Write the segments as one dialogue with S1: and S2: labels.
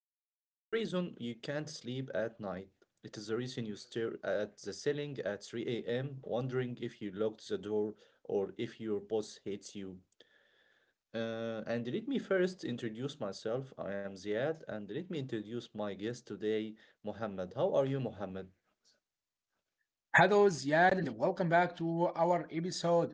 S1: It is the reason you can't sleep at night. It is the reason you stare at the ceiling at 3 a.m. wondering if you locked the door or if your boss hates you. And let me first introduce myself. I am Ziad, and let me introduce my guest today, Mohammed. How are you, Mohammed?
S2: Hello, Ziad, and welcome back to our episode.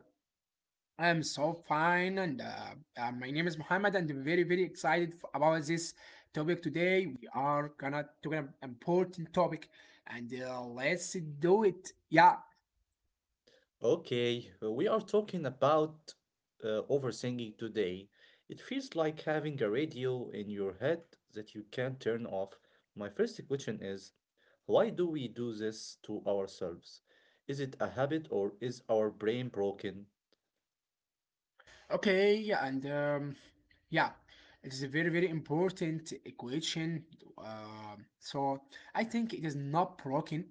S2: I'm so fine, and my name is Muhammad, and I'm very, very about this topic today. We are gonna talk an important topic, and let's do it. Yeah,
S1: Okay, we are talking about overthinking today. It feels like having a radio in your head that you can't turn off. My first question is, why do we do this to ourselves? Is it a habit, or is our brain broken?
S2: okay, and yeah, it is a very, very important equation. So I think it is not broken.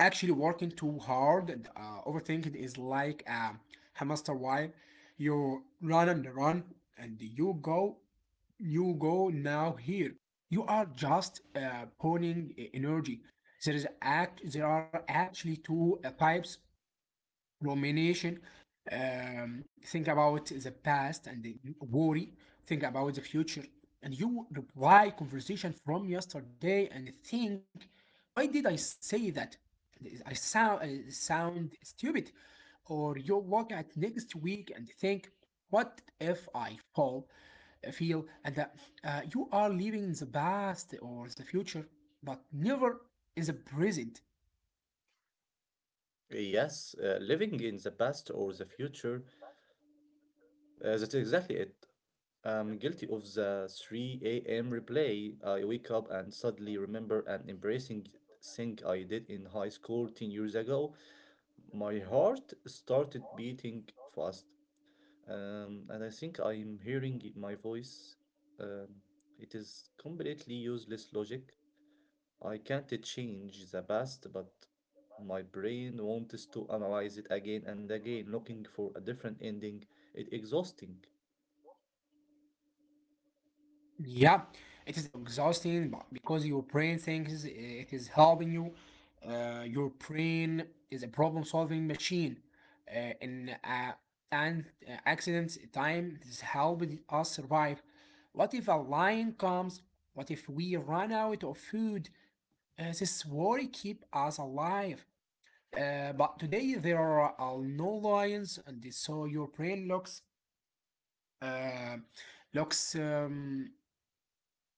S2: Actually working too hard, and overthinking is like a hamster wheel. You run and run, and you go now here. You are just burning energy. There are actually two types: rumination, think about the past, and the worry, think about the future. And you reply conversation from yesterday and they think, why did I say that? I sound stupid. Or you look at next week and think, what if I fall, feel, and that you are living in the past or the future, but never in the present.
S1: Yes, Living in the past or the future, that's exactly it. I'm guilty of the 3 a.m. replay. I wake up and suddenly remember an embarrassing thing I did in high school 10 years ago. My heart started beating fast, and I think I am hearing my voice. Um, it is completely useless logic. I can't change the past, but my brain wants to analyze it again and again, looking for a different ending. It exhausting.
S2: Yeah, it is exhausting, but because your brain thinks it is helping you, your brain is a problem-solving machine. In an accident time, this helped us survive. What if a lion comes? What if we run out of food? This worry keep us alive. But today there are no lions, and so your brain looks uh, looks.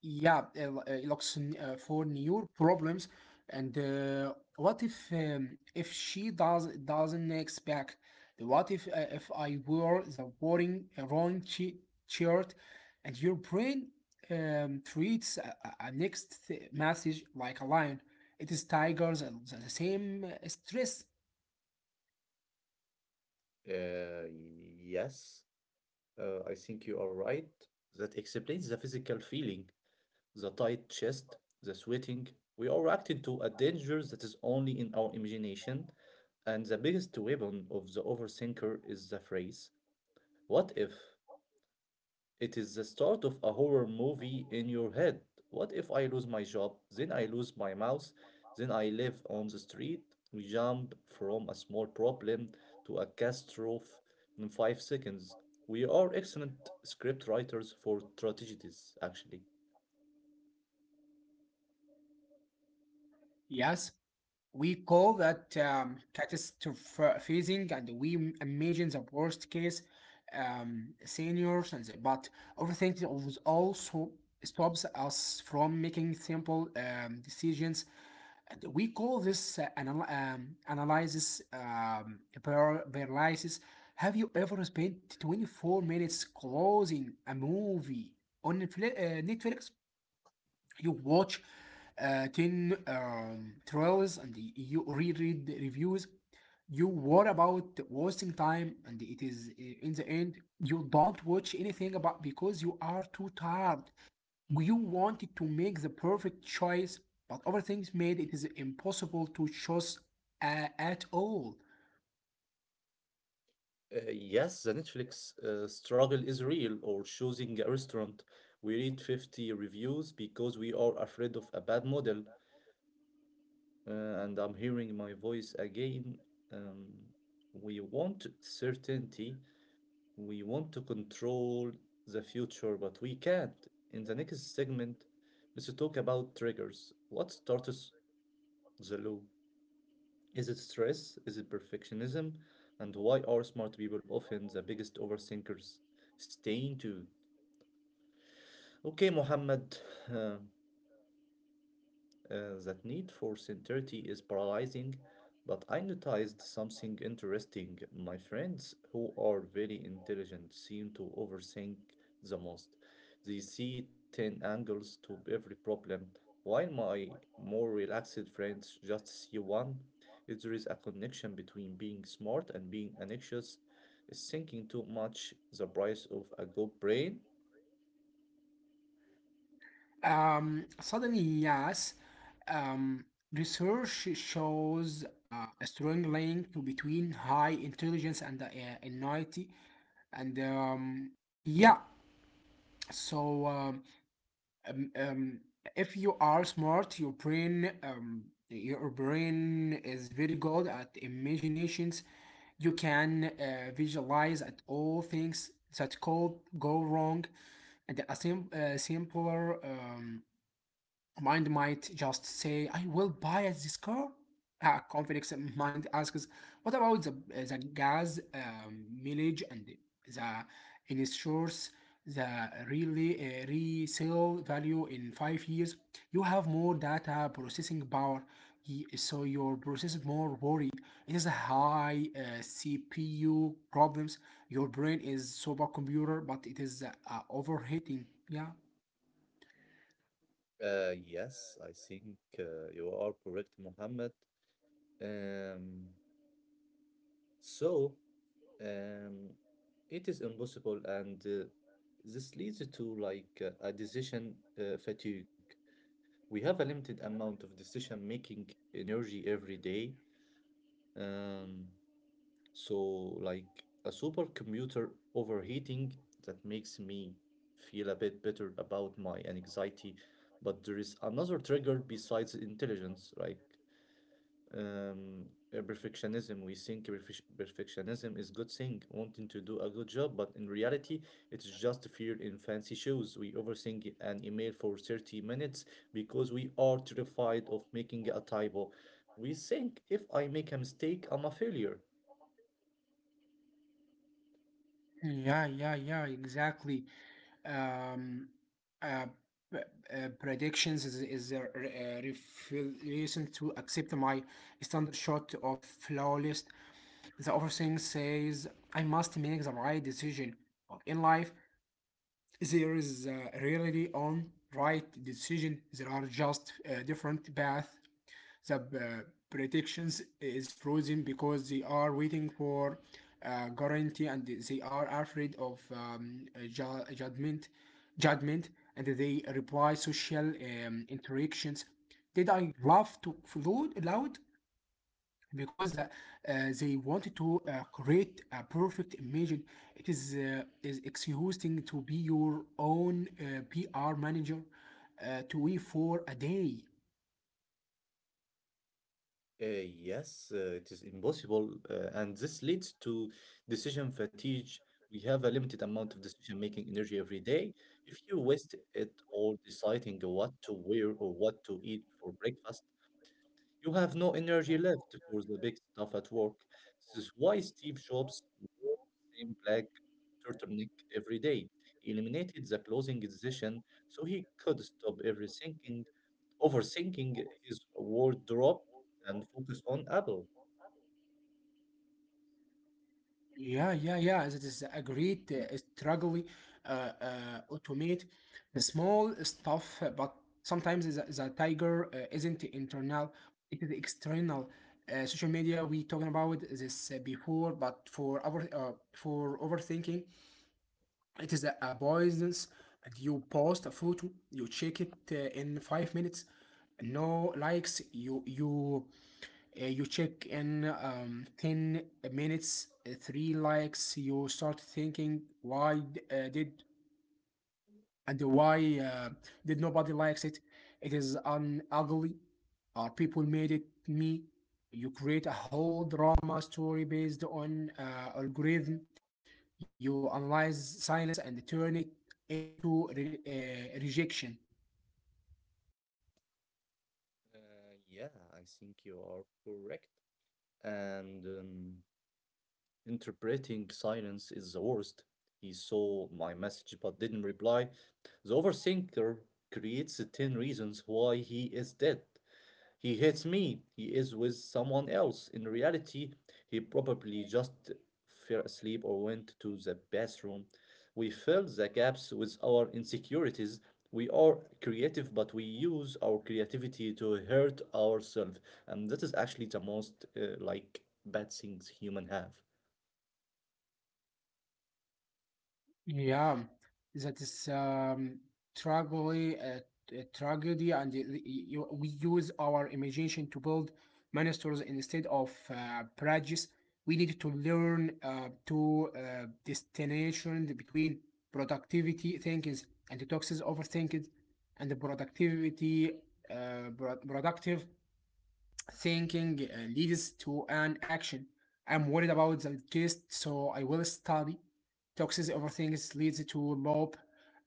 S2: Yeah, l- looks n- for new problems. And what if she does doesn't expect? What if I wore the wearing wrong shirt, and your brain treats a next message like a lion? It is tigers and the same stress.
S1: Uh, yes, I think you are right. That explains the physical feeling. The tight chest, the sweating. We are reacting to a danger that is only in our imagination, and the biggest weapon of the overthinker is the phrase, what if? It is the start of a horror movie in your head. What if I lose my job? Then I lose my mouse? Then I live on the street? We jump from a small problem to a catastrophe in 5 seconds. We are excellent script writers for tragedies, actually.
S2: Yes, we call that catastrophizing, and we imagine the worst case scenarios. But overthinking also stops us from making simple decisions. And we call this analysis paralysis. Have you ever spent 24 minutes closing a movie on Netflix? You watch 10 trailers and you reread the reviews. You worry about wasting time, and it is in the end you don't watch anything about because you are too tired. You wanted to make the perfect choice, but other things made it is impossible to choose at all.
S1: Yes, the Netflix struggle is real, or choosing a restaurant. We read 50 reviews because we are afraid of a bad model. Uh, and I'm hearing my voice again. Um, we want certainty, we want to control the future, but we can't. In the next segment, let's talk about triggers. What starts the loop? Is it stress? Is it perfectionism? And why are smart people often the biggest overthinkers? Staying tuned. Okay, Mohammed. uh, that need for sincerity is paralyzing, but I noticed something interesting. My friends who are very intelligent seem to overthink the most. They see 10 angles to every problem, while my more relaxed friends just see one. If there is a connection between being smart and being anxious, is thinking too much the price of a good brain?
S2: Suddenly, yes. Um, Research shows a strong link between high intelligence and anxiety. And yeah, so um, um, if you are smart, your brain is very good at imaginations. You can visualize at all things that could go wrong. And a simpler mind might just say, I will buy this car. A complex mind asks, what about the gas mileage, and the insurance, the really resale value in 5 years? You have more data processing power, so your process is more worried. It is a high CPU problems. Your brain is supercomputer, but it is overheating. Yeah.
S1: Yes, I think you are correct, Mohammed. Um, so um, it is impossible, and this leads to like a decision fatigue. We have a limited amount of decision making energy every day. Um, so like a supercomputer overheating, that makes me feel a bit better about my anxiety. But there is another trigger besides intelligence, like um, perfectionism. We think perfectionism is good thing, wanting to do a good job, but in reality, it's just fear in fancy shoes. We overthink an email for 30 minutes because we are terrified of making a typo. We think, if I make a mistake, I'm a failure.
S2: Yeah, yeah, yeah, exactly. um, uh, p- Predictions is refusing to accept my standard shot of flawless. The overthink says I must make the right decision. But in life, there is rarely on right decision. There are just different paths. The Predictions is frozen because they are waiting for a guarantee, and they are afraid of judgment, and they reply social interactions. Did I laugh too loud? Because they wanted to create a perfect image. It is exhausting to be your own PR manager 24 a day.
S1: Yes, it is impossible, and this leads to decision fatigue. We have a limited amount of decision-making energy every day. If you waste it all deciding what to wear or what to eat for breakfast, you have no energy left for the big stuff at work. This is why Steve Jobs wore the same black turtleneck every day. He eliminated the closing decision so he could stop every thinking, overthinking his wardrobe and focus on Apple.
S2: Yeah, yeah, yeah. That is a great struggle. Automate the small stuff, but sometimes the tiger isn't internal; it is external. Social media. We talking about this before, but for our for overthinking, it is a poisons. And you post a photo, you check it in 5 minutes, no likes. You you check in 10 minutes, three likes. You start thinking, uh, did why did nobody likes it? It is an ugly. Are people made it me? You create a whole drama story based on algorithm. You analyze silence and turn it into rejection.
S1: Yeah, I think you are correct. And interpreting silence is the worst. He saw my message but didn't reply. The overthinker creates the 10 reasons why he is dead. He hates me. He is with someone else. In reality, he probably just fell asleep or went to the bathroom. We fill the gaps with our insecurities. We are creative, but we use our creativity to hurt ourselves. And that is actually the most like bad things human have.
S2: Yeah, that is tragedy, uh, a tragedy, and you, we use our imagination to build monsters instead of prejudice. We need to learn to distinction between productivity thinkings and toxic overthinking, and the productivity, productive thinking leads to an action. I'm worried about the test, so I will study. Toxic overthinking leads to loop.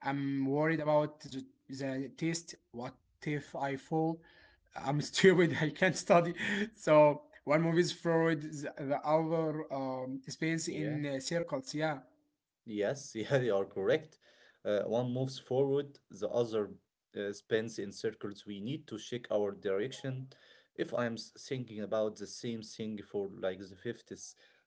S2: I'm worried about the test. What if I fall? I'm stupid. I can't study. So one move is forward, the other spins in
S1: Yeah,
S2: circles. Yeah.
S1: yes, yeah, you are correct. One moves forward, the other spins in circles. We need to check our direction. If I'm thinking about the same thing for like the fifth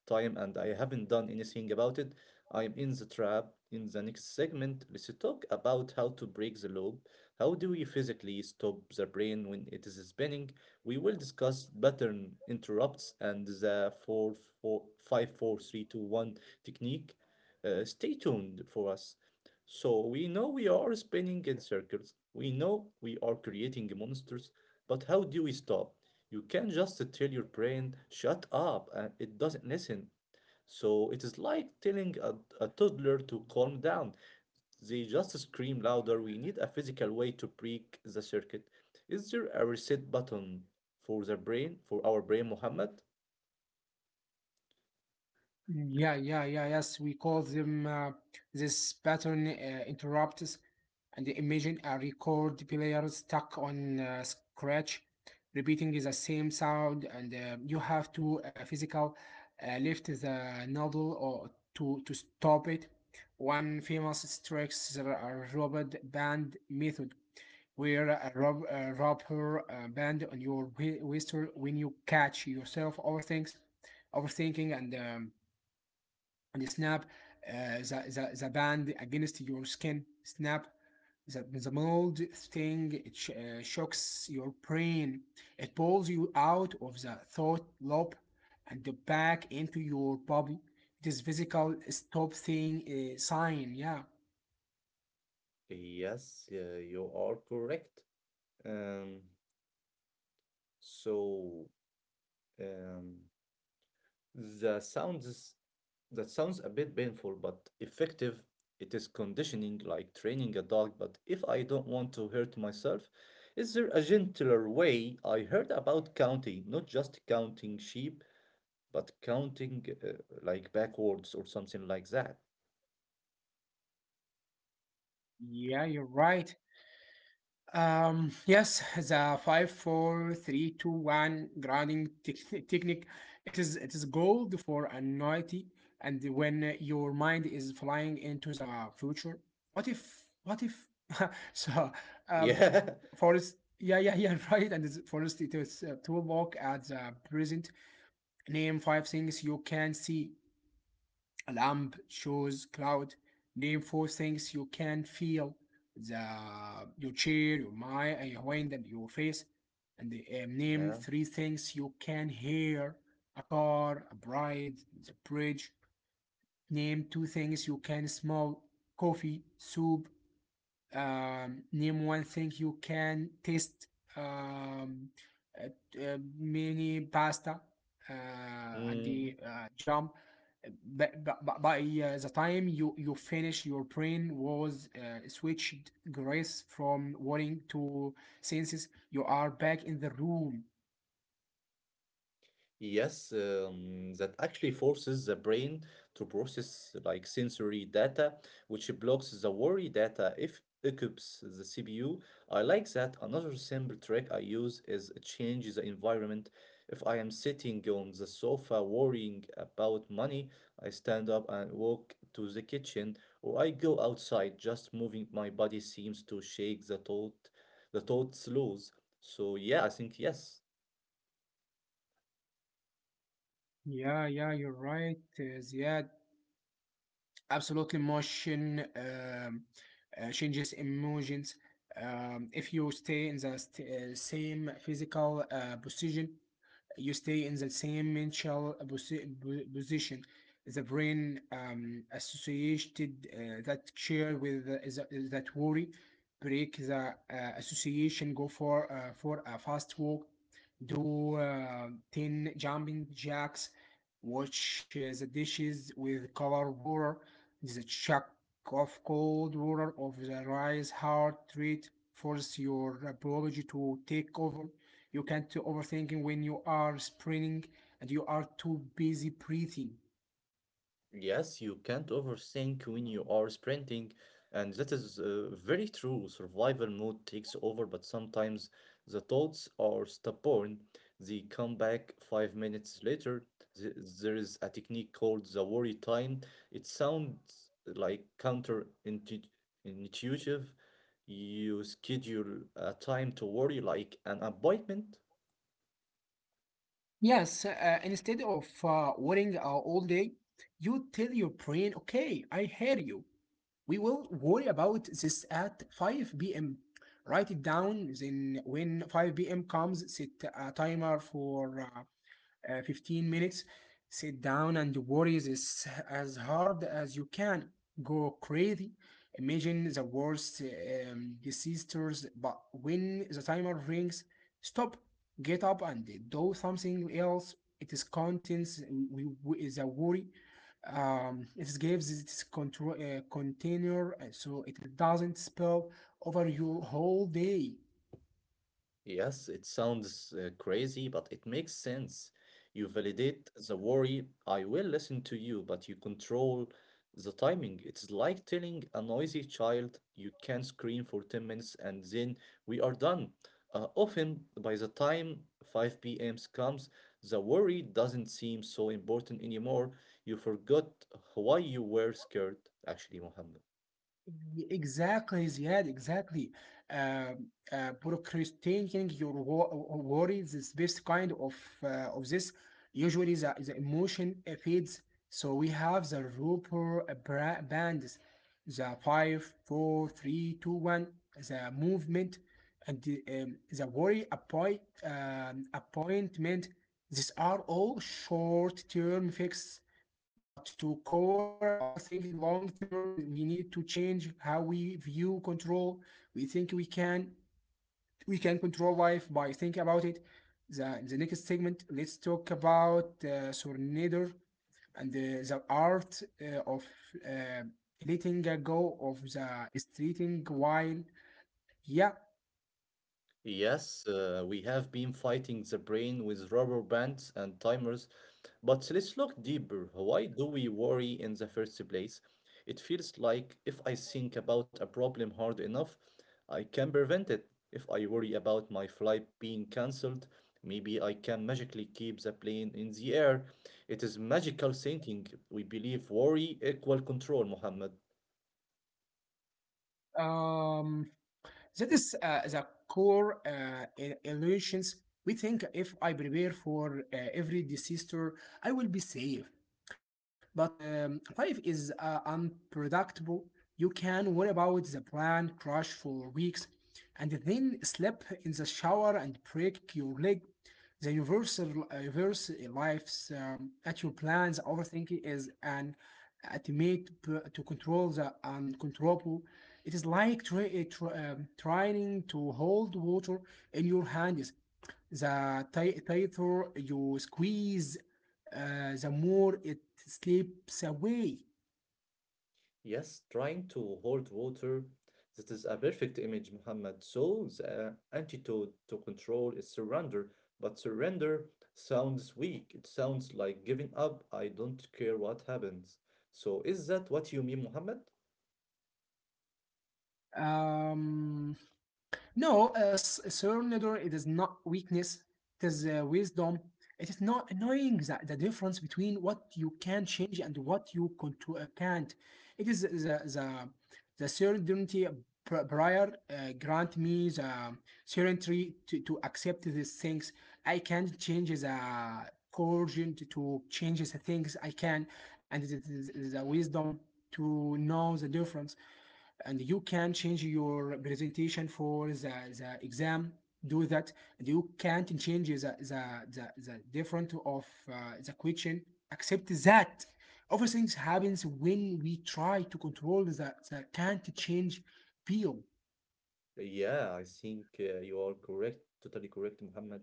S1: time and I haven't done anything about it, I'm in the trap. In the next segment, let's talk about how to break the loop. How do we physically stop the brain when it is spinning? We will discuss pattern interrupts and the four, five, four, three, two, one technique. Uh, stay tuned for us. So we know we are spinning in circles. We know we are creating monsters, but how do we stop? You can't just tell your brain, shut up, and it doesn't listen. So it is like telling a toddler to calm down. They just scream louder. We need a physical way to break the circuit. Is there a reset button for the brain, for our brain, Mohammed?
S2: Mm, yeah, yeah, yeah, yes. We call them this pattern interrupts. And imagine a record player stuck on scratch, repeating the same sound, and you have to physical lift the noodle or to stop it. One famous strikes the robot band method, where a rubber band on your whistle when you catch yourself overthinking, and snap uh, the, the band against your skin. Snap the mold thing, it shocks your brain. It pulls you out of the thought loop and back into your body. It is physical stop thing sign. Yeah.
S1: Yes, you are correct. Um, so Um, the sounds, that sounds a bit painful but effective. It is conditioning, like training a dog, but if I don't want to hurt myself, is there a gentler way? I heard about counting, not just counting sheep, but counting like backwards or something like that.
S2: Yeah, you're right. Yes, the five, four, three, two, one grounding technique. It is gold for annuity, and when your mind is flying into the future, what if what if? So, um,
S1: Yeah.
S2: Forrest, yeah, yeah, yeah, right. And it's Forrest, it is to walk at the present. Name five things you can see: a lamp shows cloud. Name four things you can feel: the your chair, your mind, and your wind, and your face. And name
S1: Yeah.
S2: three things you can hear: a car, a bride, the bridge. Name two things you can smell: coffee, soup, name one thing you can taste, um, mini pasta and the
S1: Mm.
S2: jam. But by the time you finish, your brain was switched grace from warning to senses. You are back in the room.
S1: Yes, that actually forces the brain to process like sensory data, which blocks the worry data if occups the CPU. I like that. Another simple trick I use is change the environment. If I am sitting on the sofa worrying about money, I stand up and walk to the kitchen, or I go outside. Just moving my body seems to shake the thought, the thoughts loose. So yeah, I think yes.
S2: Yeah, yeah, you're right, Ziad. Absolutely motion changes emotions. If you stay in the same physical position, you stay in the same mental position. The brain associated that share with that worry. Break the association, go for a fast walk, do 10 jumping jacks, watch the dishes with cold water. The shock of cold water of the rise heart rate force your biology to take over. You can't do overthinking when you are sprinting, and you are too busy breathing.
S1: Yes, you can't overthink when you are sprinting, and that is very true. Survival mode takes over, but sometimes the thoughts are stubborn. They come back 5 minutes later. Th- There is a technique called the worry time. It sounds like counterintuitive. You schedule a time to worry like an appointment.
S2: Yes, instead of worrying all day, you tell your brain, okay, I hear you. We will worry about this at 5 p.m. Write it down. Then, when 5 p.m. comes, set a timer for 15 minutes. Sit down and worry this as hard as you can. Go crazy. Imagine the worst disasters, but when the timer rings, stop, get up, and do something else. It is contents, is a worry. It gives its control, container, so it doesn't spill over your whole day.
S1: Yes, it sounds crazy, but it makes sense. You validate the worry, I will listen to you, but you control the timing. It's like telling a noisy child, you can scream for 10 minutes and then we are done. Often, by the time 5 p.m. comes, the worry doesn't seem so important anymore. You forgot why you were scared, actually, Mohammed.
S2: Exactly, Ziad, exactly. Um Procrastinating your worries is best kind of this. Usually, the emotion fades. So we have the Roper bands, the five, four, three, two, one, the movement, and the worry appointment. These are all short-term fixes, but to core of thinking long term, we need to change how we view control. We think we can we can control life by thinking about it. The next segment, let's talk about surrender and the art of uh, letting go of the streeting while yeah.
S1: Yes, we have been fighting the brain with rubber bands and timers, but let's look deeper. Why do we worry in the first place? It feels like if I think about a problem hard enough, I can prevent it. If I worry about my flight being cancelled, maybe I can magically keep the plane in the air. It is magical thinking. We believe worry equal control, Mohammed.
S2: um That is the core illusions. We think if I prepare for every disaster, I will be safe. But life is unpredictable. You can worry about the plan, crash for weeks, and then slip in the shower and break your leg, the universal in life's actual plans. Overthinking is an ultimate to control the uncontrollable. It is like trying to hold water in your hands. The tighter you squeeze, the more it slips away.
S1: Yes, trying to hold water. That is a perfect image, Muhammad. So the antidote to control is surrender, but surrender sounds weak. It sounds like giving up. I don't care what happens. So is that what you mean, Muhammad?
S2: um No, surrender it is not weakness. It is wisdom. It is not knowing the difference between what you can change and what you can't. It is the certainty prior, grant me the certainty to accept these things. I can't change the coercion to change the things I can, and it is the wisdom to know the difference, and you can change your presentation for the exam. Do that, and you can't change the different of the question. Except that everything happens when we try to control the can't change people.
S1: Yeah, I think you are correct, totally correct, Muhammad.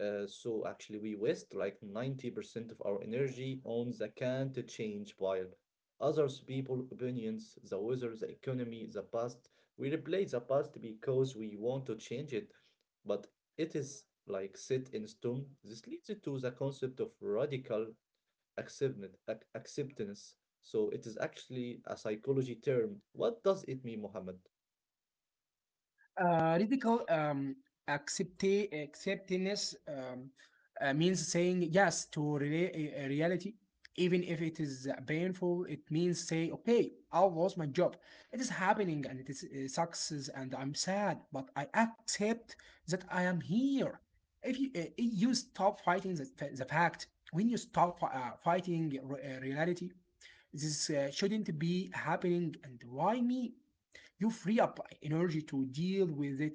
S1: So actually, we waste like 90% of our energy on the can't change pile. Others people opinions, the weather, the economy, the past. We replace the past because we want to change it, but it is like set in stone. This leads to the concept of radical acceptance. Acceptance. So it is actually a psychology term. What does it mean, Mohammed?
S2: Radical accept acceptance means saying yes to a reality, even if it is painful. It means saying, okay, I lost my job. It is happening, and it sucks, and I'm sad, but I accept that I am here. If you stop fighting the fact, when you stop fighting reality, this shouldn't be happening, and why me? You free up energy to deal with it.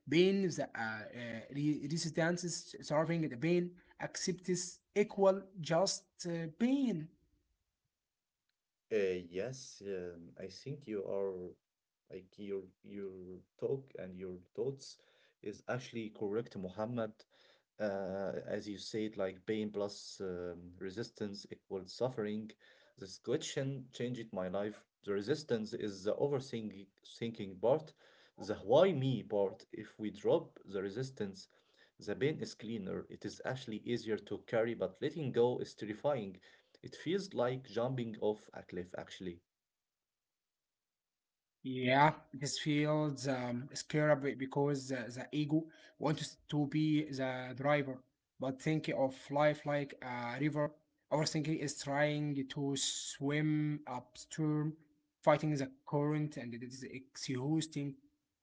S2: Pain, the resistance, serving the pain accepts equal just pain.
S1: Yes, I think you are like your talk and your thoughts is actually correct, Muhammad. As you said, like pain plus resistance equals suffering. This question changed my life. The resistance is the overthinking thinking part, the why me part. If we drop the resistance, the pain is cleaner. It is actually easier to carry, but letting go is terrifying. It feels like jumping off a cliff, actually.
S2: Yeah, this feels scary because the ego wants to be the driver, but thinking of life like a river, our thinking is trying to swim upstream, fighting the current, and it is exhausting,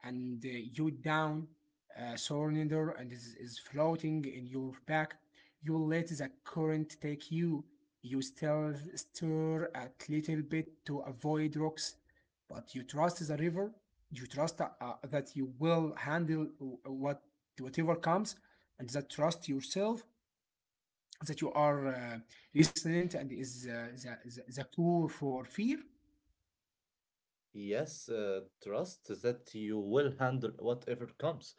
S2: and you down, surrender, and this is floating in your back. You let the current take you. You still stir a little bit to avoid rocks, but you trust is a river. You trust that you will handle whatever comes, and that trust yourself, that you are resilient, and is the cure for fear.
S1: Yes, trust that you will handle whatever comes.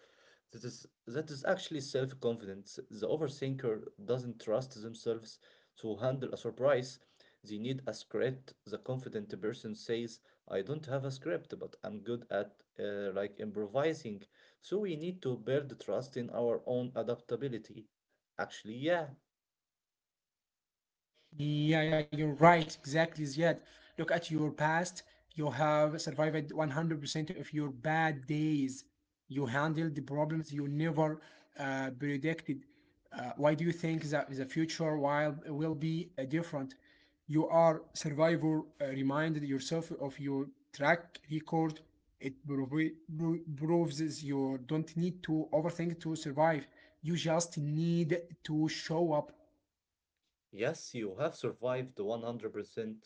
S1: That is actually self-confidence. The overthinker doesn't trust themselves to handle a surprise. They need a script. The confident person says, I don't have a script, but I'm good at like improvising. So we need to build trust in our own adaptability. Actually, yeah.
S2: Yeah, yeah, you're right. Exactly, Ziad. Look at your past. You have survived 100% of your bad days. You handled the problems you never predicted. Why do you think that the future while will be different? You are survivor. Reminded yourself of your track record. It proves is you don't need to overthink to survive. You just need to show up.
S1: Yes, you have survived 100%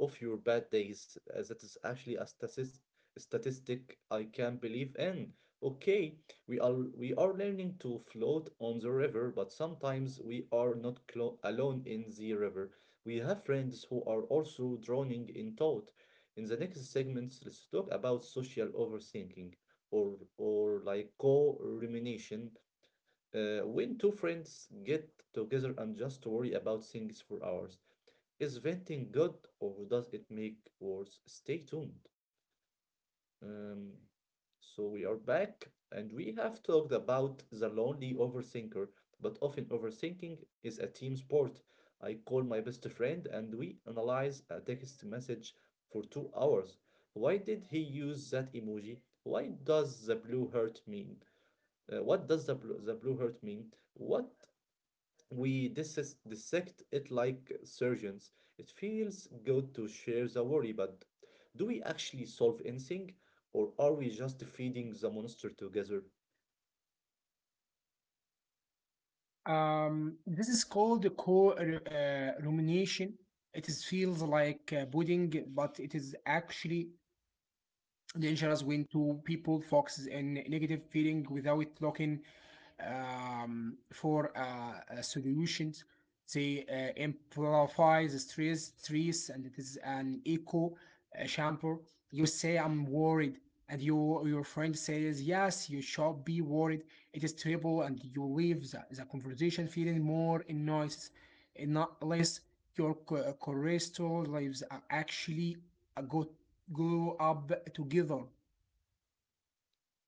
S1: of your bad days. That is actually a statistic I can believe in. Okay, we are learning to float on the river, but sometimes we are not clo alone in the river. We have friends who are also drowning in thought. In the next segments, let's talk about social overthinking or like co-rumination, when two friends get together and just worry about things for hours, is venting good or does it make worse? Stay tuned. Um, so we are back and we have talked about the lonely overthinker, but often overthinking is a team sport. I call my best friend and we analyze a text message for 2 hours. Why did he use that emoji? Why does the blue hurt mean? What does the blue hurt mean? What we dissect it like surgeons. It feels good to share the worry, but do we actually solve anything, or are we just feeding the monster together?
S2: This is called co rumination. It is feels like pudding, but it is actually dangerous when two people focus on negative feeling without looking for solutions. They amplify the stress, and it is an echo chamber. You say, "I'm worried," and your friend says, "Yes, you should be worried. It is terrible," and you leave the conversation feeling more annoyed, and not less. Your cortisol levels are actually a good grow up together.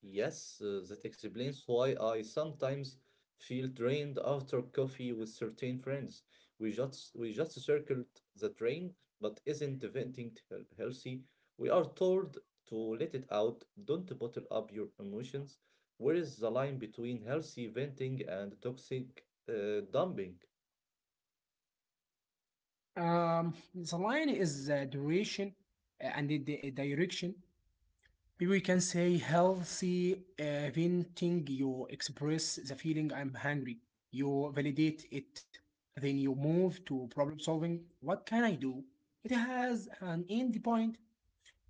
S1: Yes, that explains why I sometimes feel drained after coffee with certain friends. We just circled the drain, but isn't venting healthy? We are told to let it out, don't bottle up your emotions. Where is the line between healthy venting and toxic dumping?
S2: The line is the duration and the direction. Maybe we can say healthy venting. You express the feeling, I'm hungry. You validate it. Then you move to problem solving. What can I do? It has an end point.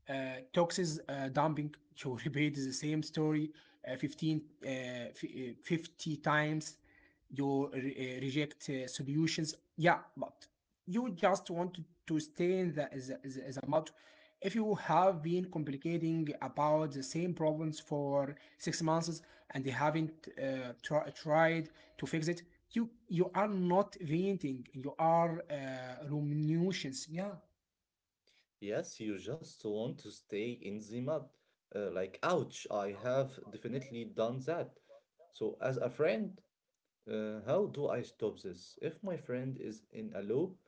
S2: Tox's dumping, you repeat the same story 15, 50 times. You reject solutions. Yeah, but you just want to stay in as a model. If you have been complicating about the same problems for 6 months, and they haven't tried to fix it, you are not venting. You are ruminations. Yeah.
S1: Yes, you just want to stay in the mud. Ouch, I have definitely done that. So, as a friend, how do I stop this? If my friend is in a loop,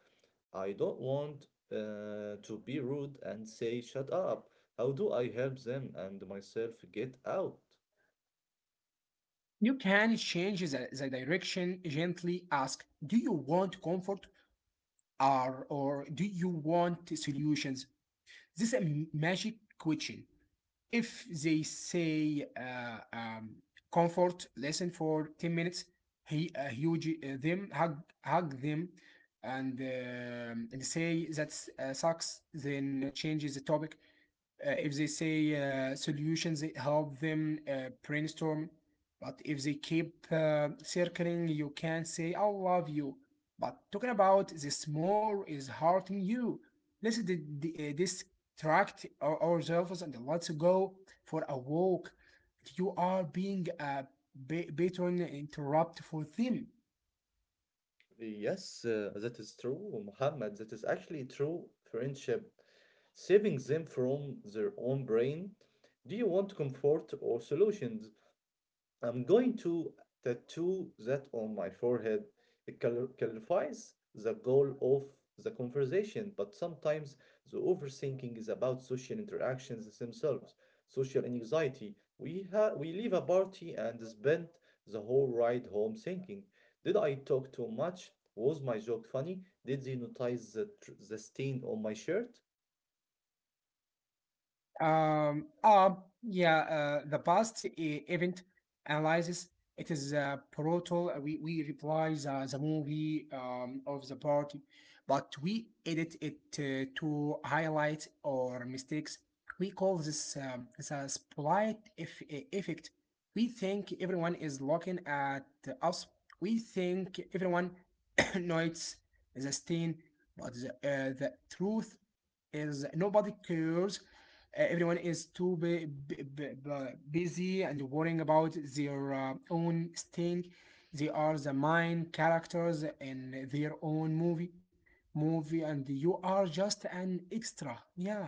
S1: I don't want to be rude and say, shut up. How do I help them and myself get out?
S2: You can change the direction gently. Ask, do you want comfort, or do you want solutions? This is a magic question. If they say comfort, listen for 10 minutes, he, huge them, hug, hug them, and say that sucks, then change the topic. If they say solutions, that help them brainstorm. But if they keep circling, you can say, I love you, but talking about this more is hurting you. Let's distract ourselves, and let's go for a walk. You are being a pattern interrupt for them.
S1: Yes, that is true, Muhammad. That is actually true friendship. Saving them from their own brain. Do you want comfort or solutions? I'm going to tattoo that on my forehead. It clarifies the goal of the conversation, but sometimes the overthinking is about social interactions themselves, social anxiety. We leave a party and spend the whole ride home thinking, did I talk too much? Was my joke funny? Did they notice the stain on my shirt?
S2: Yeah, the past event analysis, it is brutal. We reply the movie of the party, but we edit it to highlight our mistakes. We call this the spotlight effect. We think everyone is looking at us. We think everyone nights the stain, but the truth is nobody cares. Everyone is too busy and worrying about their own sting. They are the main characters in their own movie, and you are just an extra. Yeah.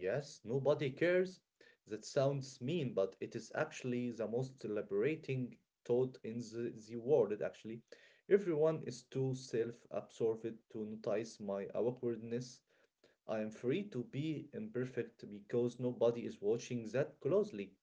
S1: Yes, nobody cares. That sounds mean, but it is actually the most liberating thought in the world, actually. Everyone is too self-absorbed to notice my awkwardness. I am free to be imperfect because nobody is watching that closely.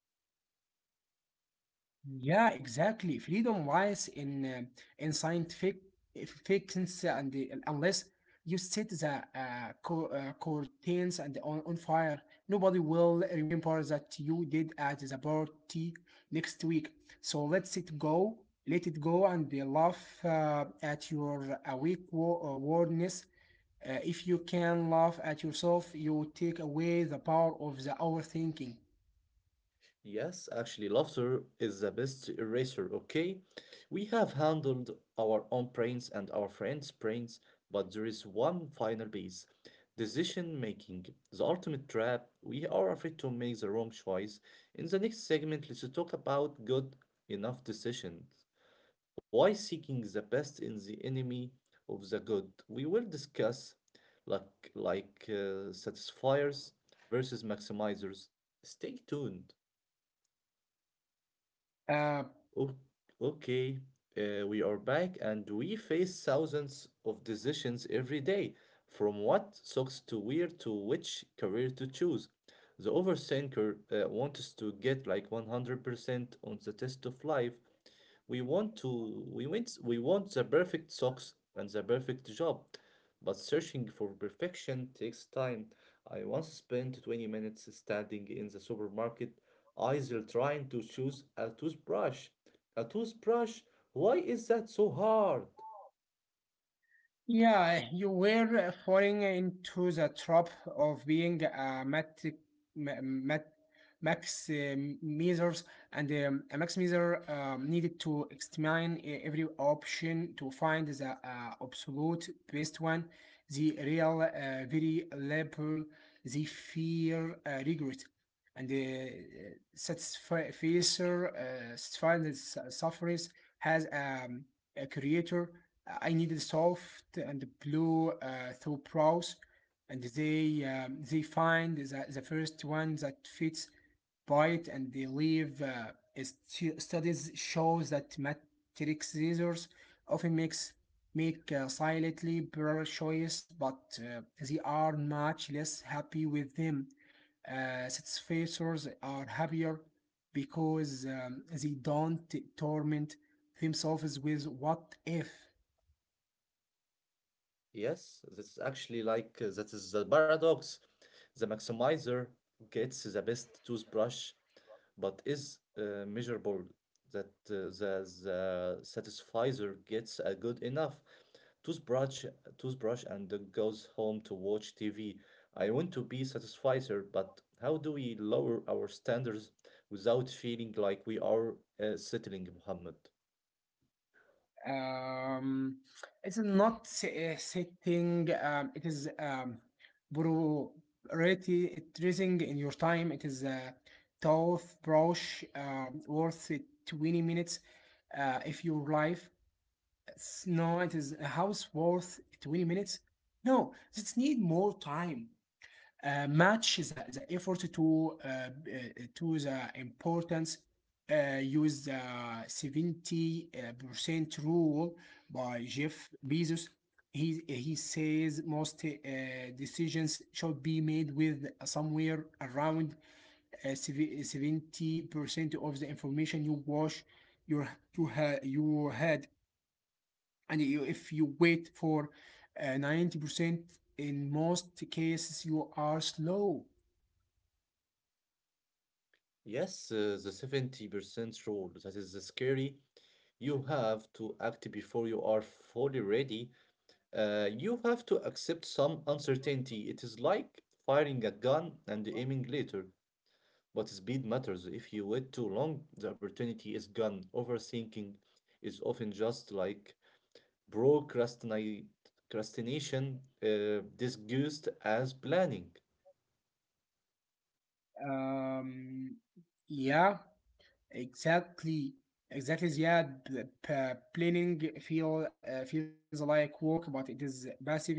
S2: Yeah, exactly. Freedom lies in scientific efficiency, and unless you set the curtains on fire, nobody will remember that you did at the party next week. So let's it go, let it go, and they laugh at your weak wordness. If you can laugh at yourself, you take away the power of the overthinking.
S1: Yes, actually, laughter is the best eraser, okay? We have handled our own brains and our friends' brains, but there is one final piece. Decision making, the ultimate trap. We are afraid to make the wrong choice. In the next segment, let's talk about good enough decisions. Why seeking the best in the enemy of the good? We will discuss like satisfiers versus maximizers. Stay tuned.
S2: Uh,
S1: O- Okay, we are back and we face thousands of decisions every day, from what socks to wear to which career to choose. The overthinker wants to get like 100% on the test of life. We want to we want the perfect socks and the perfect job, but searching for perfection takes time. I once spent 20 minutes standing in the supermarket aisle trying to choose a toothbrush. A toothbrush? Why is that so hard?
S2: Yeah, you were falling into the trap of being a mat, ma- mat, max meters, and a max meter needed to examine every option to find the absolute best one, the real variable, the fear, regret, and the satisfier, the sufferers has a creator. I needed soft and blue through brows, and they find the first one that fits bite, and they leave. Studies shows that matrix users often make silently better choice, but they are much less happy with them. Satisfacers are happier because they don't torment themselves with what if.
S1: Yes, that's actually like that is the paradox. The maximizer gets the best toothbrush, but is measurable that the satisfizer gets a good enough toothbrush toothbrush and then goes home to watch TV. I want to be satisfizer, but how do we lower our standards without feeling like we are settling, Muhammad?
S2: Um, it's not setting, it is priority, it raising in your time. It is a toothbrush worth it 20 minutes if your life. No, it is a house worth 20 minutes. No, just need more time, match the effort to the importance. Use the 70% rule by Jeff Bezos. He says most decisions should be made with somewhere around 70% of the information you wash your, your head. And you, if you wait for 90%, in most cases, you are slow.
S1: Yes, the 70% rule. That is scary. You have to act before you are fully ready. You have to accept some uncertainty. It is like firing a gun and aiming later. But speed matters. If you wait too long, the opportunity is gone. Overthinking is often just like procrastinate- procrastination, disguised as planning.
S2: Um, yeah, exactly. Exactly, yeah. The planning feels like work, but it is passive.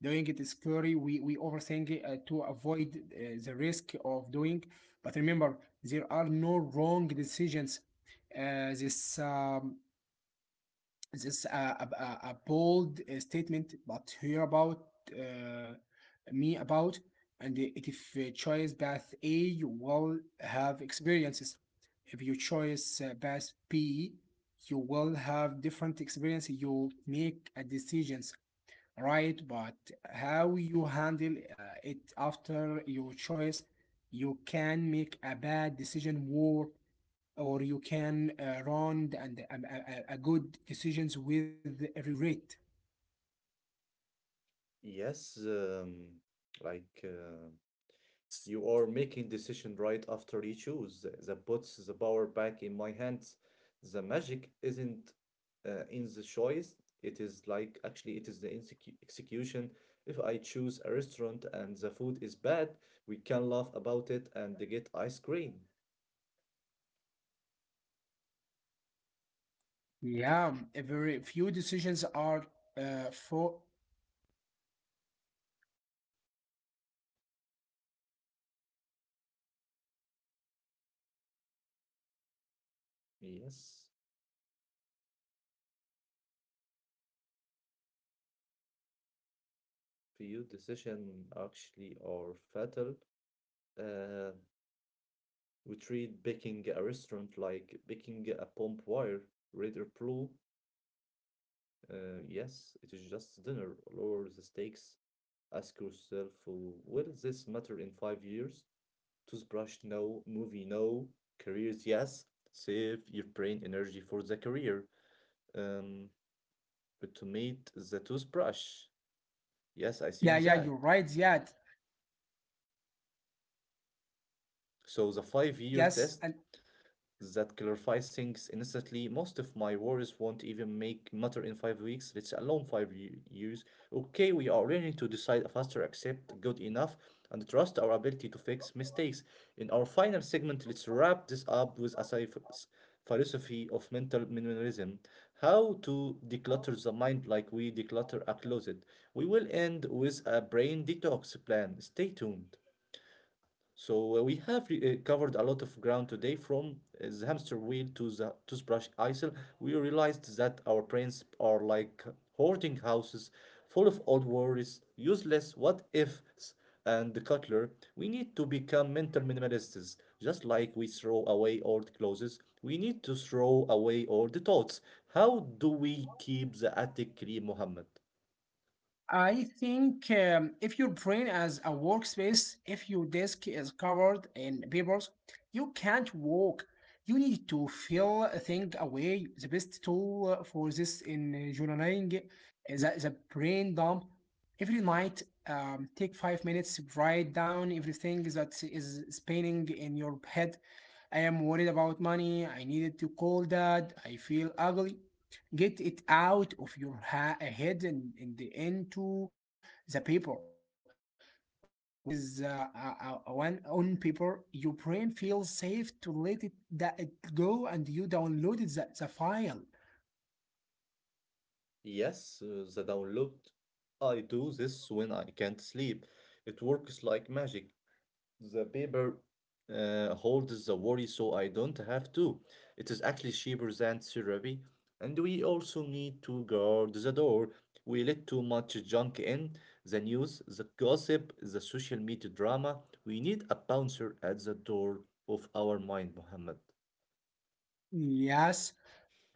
S2: Doing it is scary. We overthink it, to avoid the risk of doing. But remember, there are no wrong decisions. Uh, this um, this is a bold statement, but hear about uh, me about. And if you choose path A, you will have experiences. If you choose path B, you will have different experiences. You make decisions, right? But how you handle it after your choice, you can make a bad decision more, or you can round, and a good decisions with regret.
S1: Yes, like uh, you are making decision right after you choose. That puts the power back in my hands. The magic isn't in the choice. It is like actually it is the execution. If I choose a restaurant and the food is bad, we can laugh about it and get ice cream.
S2: Yeah, very few decisions are for.
S1: Yes, few decision actually are fatal. Uh, We treat baking a restaurant like baking a pump wire, red or blue. Yes, it is just dinner. Lower the stakes. Ask yourself, will this matter in 5 years? Toothbrush, no. Movie, no. Careers, yes. Save your brain energy for the career. Um, Automate the toothbrush. Yes, I
S2: Yeah,
S1: think
S2: yeah,
S1: that.
S2: you're right. Yeah,
S1: So the five-year
S2: yes, and
S1: test that clarifies things instantly. Most of my worries won't even make matter in 5 weeks, let alone years. Okay, we are learning to decide faster, accept good enough, and trust our ability to fix mistakes. In our final segment, let's wrap this up with a philosophy of mental minimalism, how to declutter the mind like we declutter a closet. We will end with a brain detox plan. Stay tuned. So we have covered a lot of ground today from the hamster wheel to the toothbrush aisle. We realized that our brains are like hoarding houses full of old worries, useless what ifs, and the cutler. We need to become mental minimalists. Just like we throw away old clothes, we need to throw away old thoughts. How do we keep the attic clean, Mohammed?
S2: I think if your brain as a workspace, if your desk is covered in papers, you can't walk. You need to feel a away. The best tool for this in journaling is is a brain dump. Every night, take 5 minutes, write down everything that is spinning in your head. I am worried about money. I needed to call dad. I feel ugly. Get it out of your head, and into the paper. Once it is one on paper, your brain feels safe to let it go, and you downloaded the file.
S1: Yes, the download. I do this when I can't sleep. It works like magic. The paper holds the worry so I don't have to. It is actually cheaper than therapy. And we also need to guard the door. We let too much junk in: the news, the gossip, the social media drama. We need a bouncer at the door of our mind, Muhammad.
S2: Yes,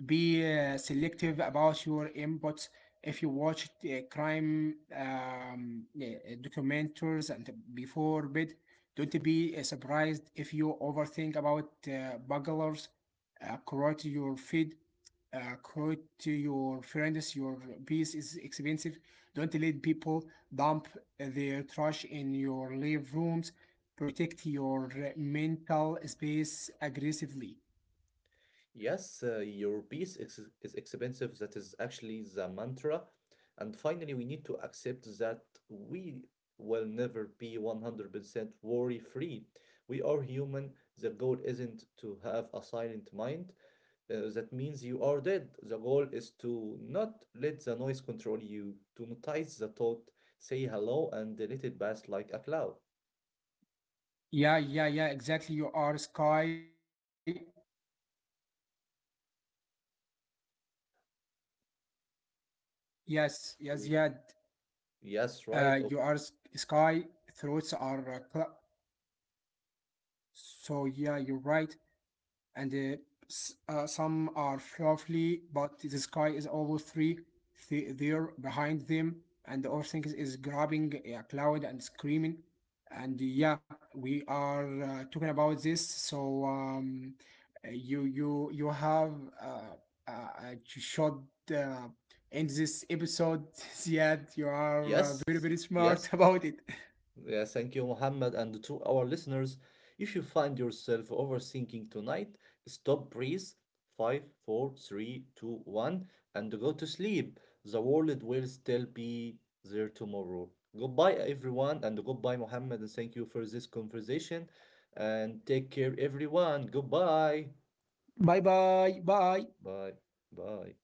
S2: be selective about your inputs. If you watch crime, yeah, documentaries and before bed, don't be surprised if you overthink about burglars. Quote your feed, quote to your friends. Your piece is expensive. Don't let people dump their trash in your live rooms. Protect your mental space aggressively.
S1: Yes, your peace is expensive. That is actually the mantra. And finally, we need to accept that we will never be 100% worry-free. We are human. The goal isn't to have a silent mind. That means you are dead. The goal is to not let the noise control you, to notice the thought, say hello, and let it pass like a cloud.
S2: Yeah, yeah, yeah, exactly. You are sky. Yes, yes, yeah.
S1: Yes, right. Oh,
S2: You are sky. Throats are so. Yeah, you're right. And some are fluffy, but the sky is always there behind them, and the overthink is grabbing a cloud and screaming. And yeah, we are talking about this. So you you you have you should uh, end this episode. Ziad, you are very
S1: yes,
S2: very
S1: yes.
S2: smart about it.
S1: Yeah, thank you, Muhammad, and to our listeners. If you find yourself overthinking tonight, stop, breathe, 5, 4, 3, 2, 1, and go to sleep. The world will still be there tomorrow. Goodbye, everyone, and goodbye, Muhammad, and thank you for this conversation. And take care, everyone. Goodbye.
S2: Bye bye bye.
S1: Bye. Bye.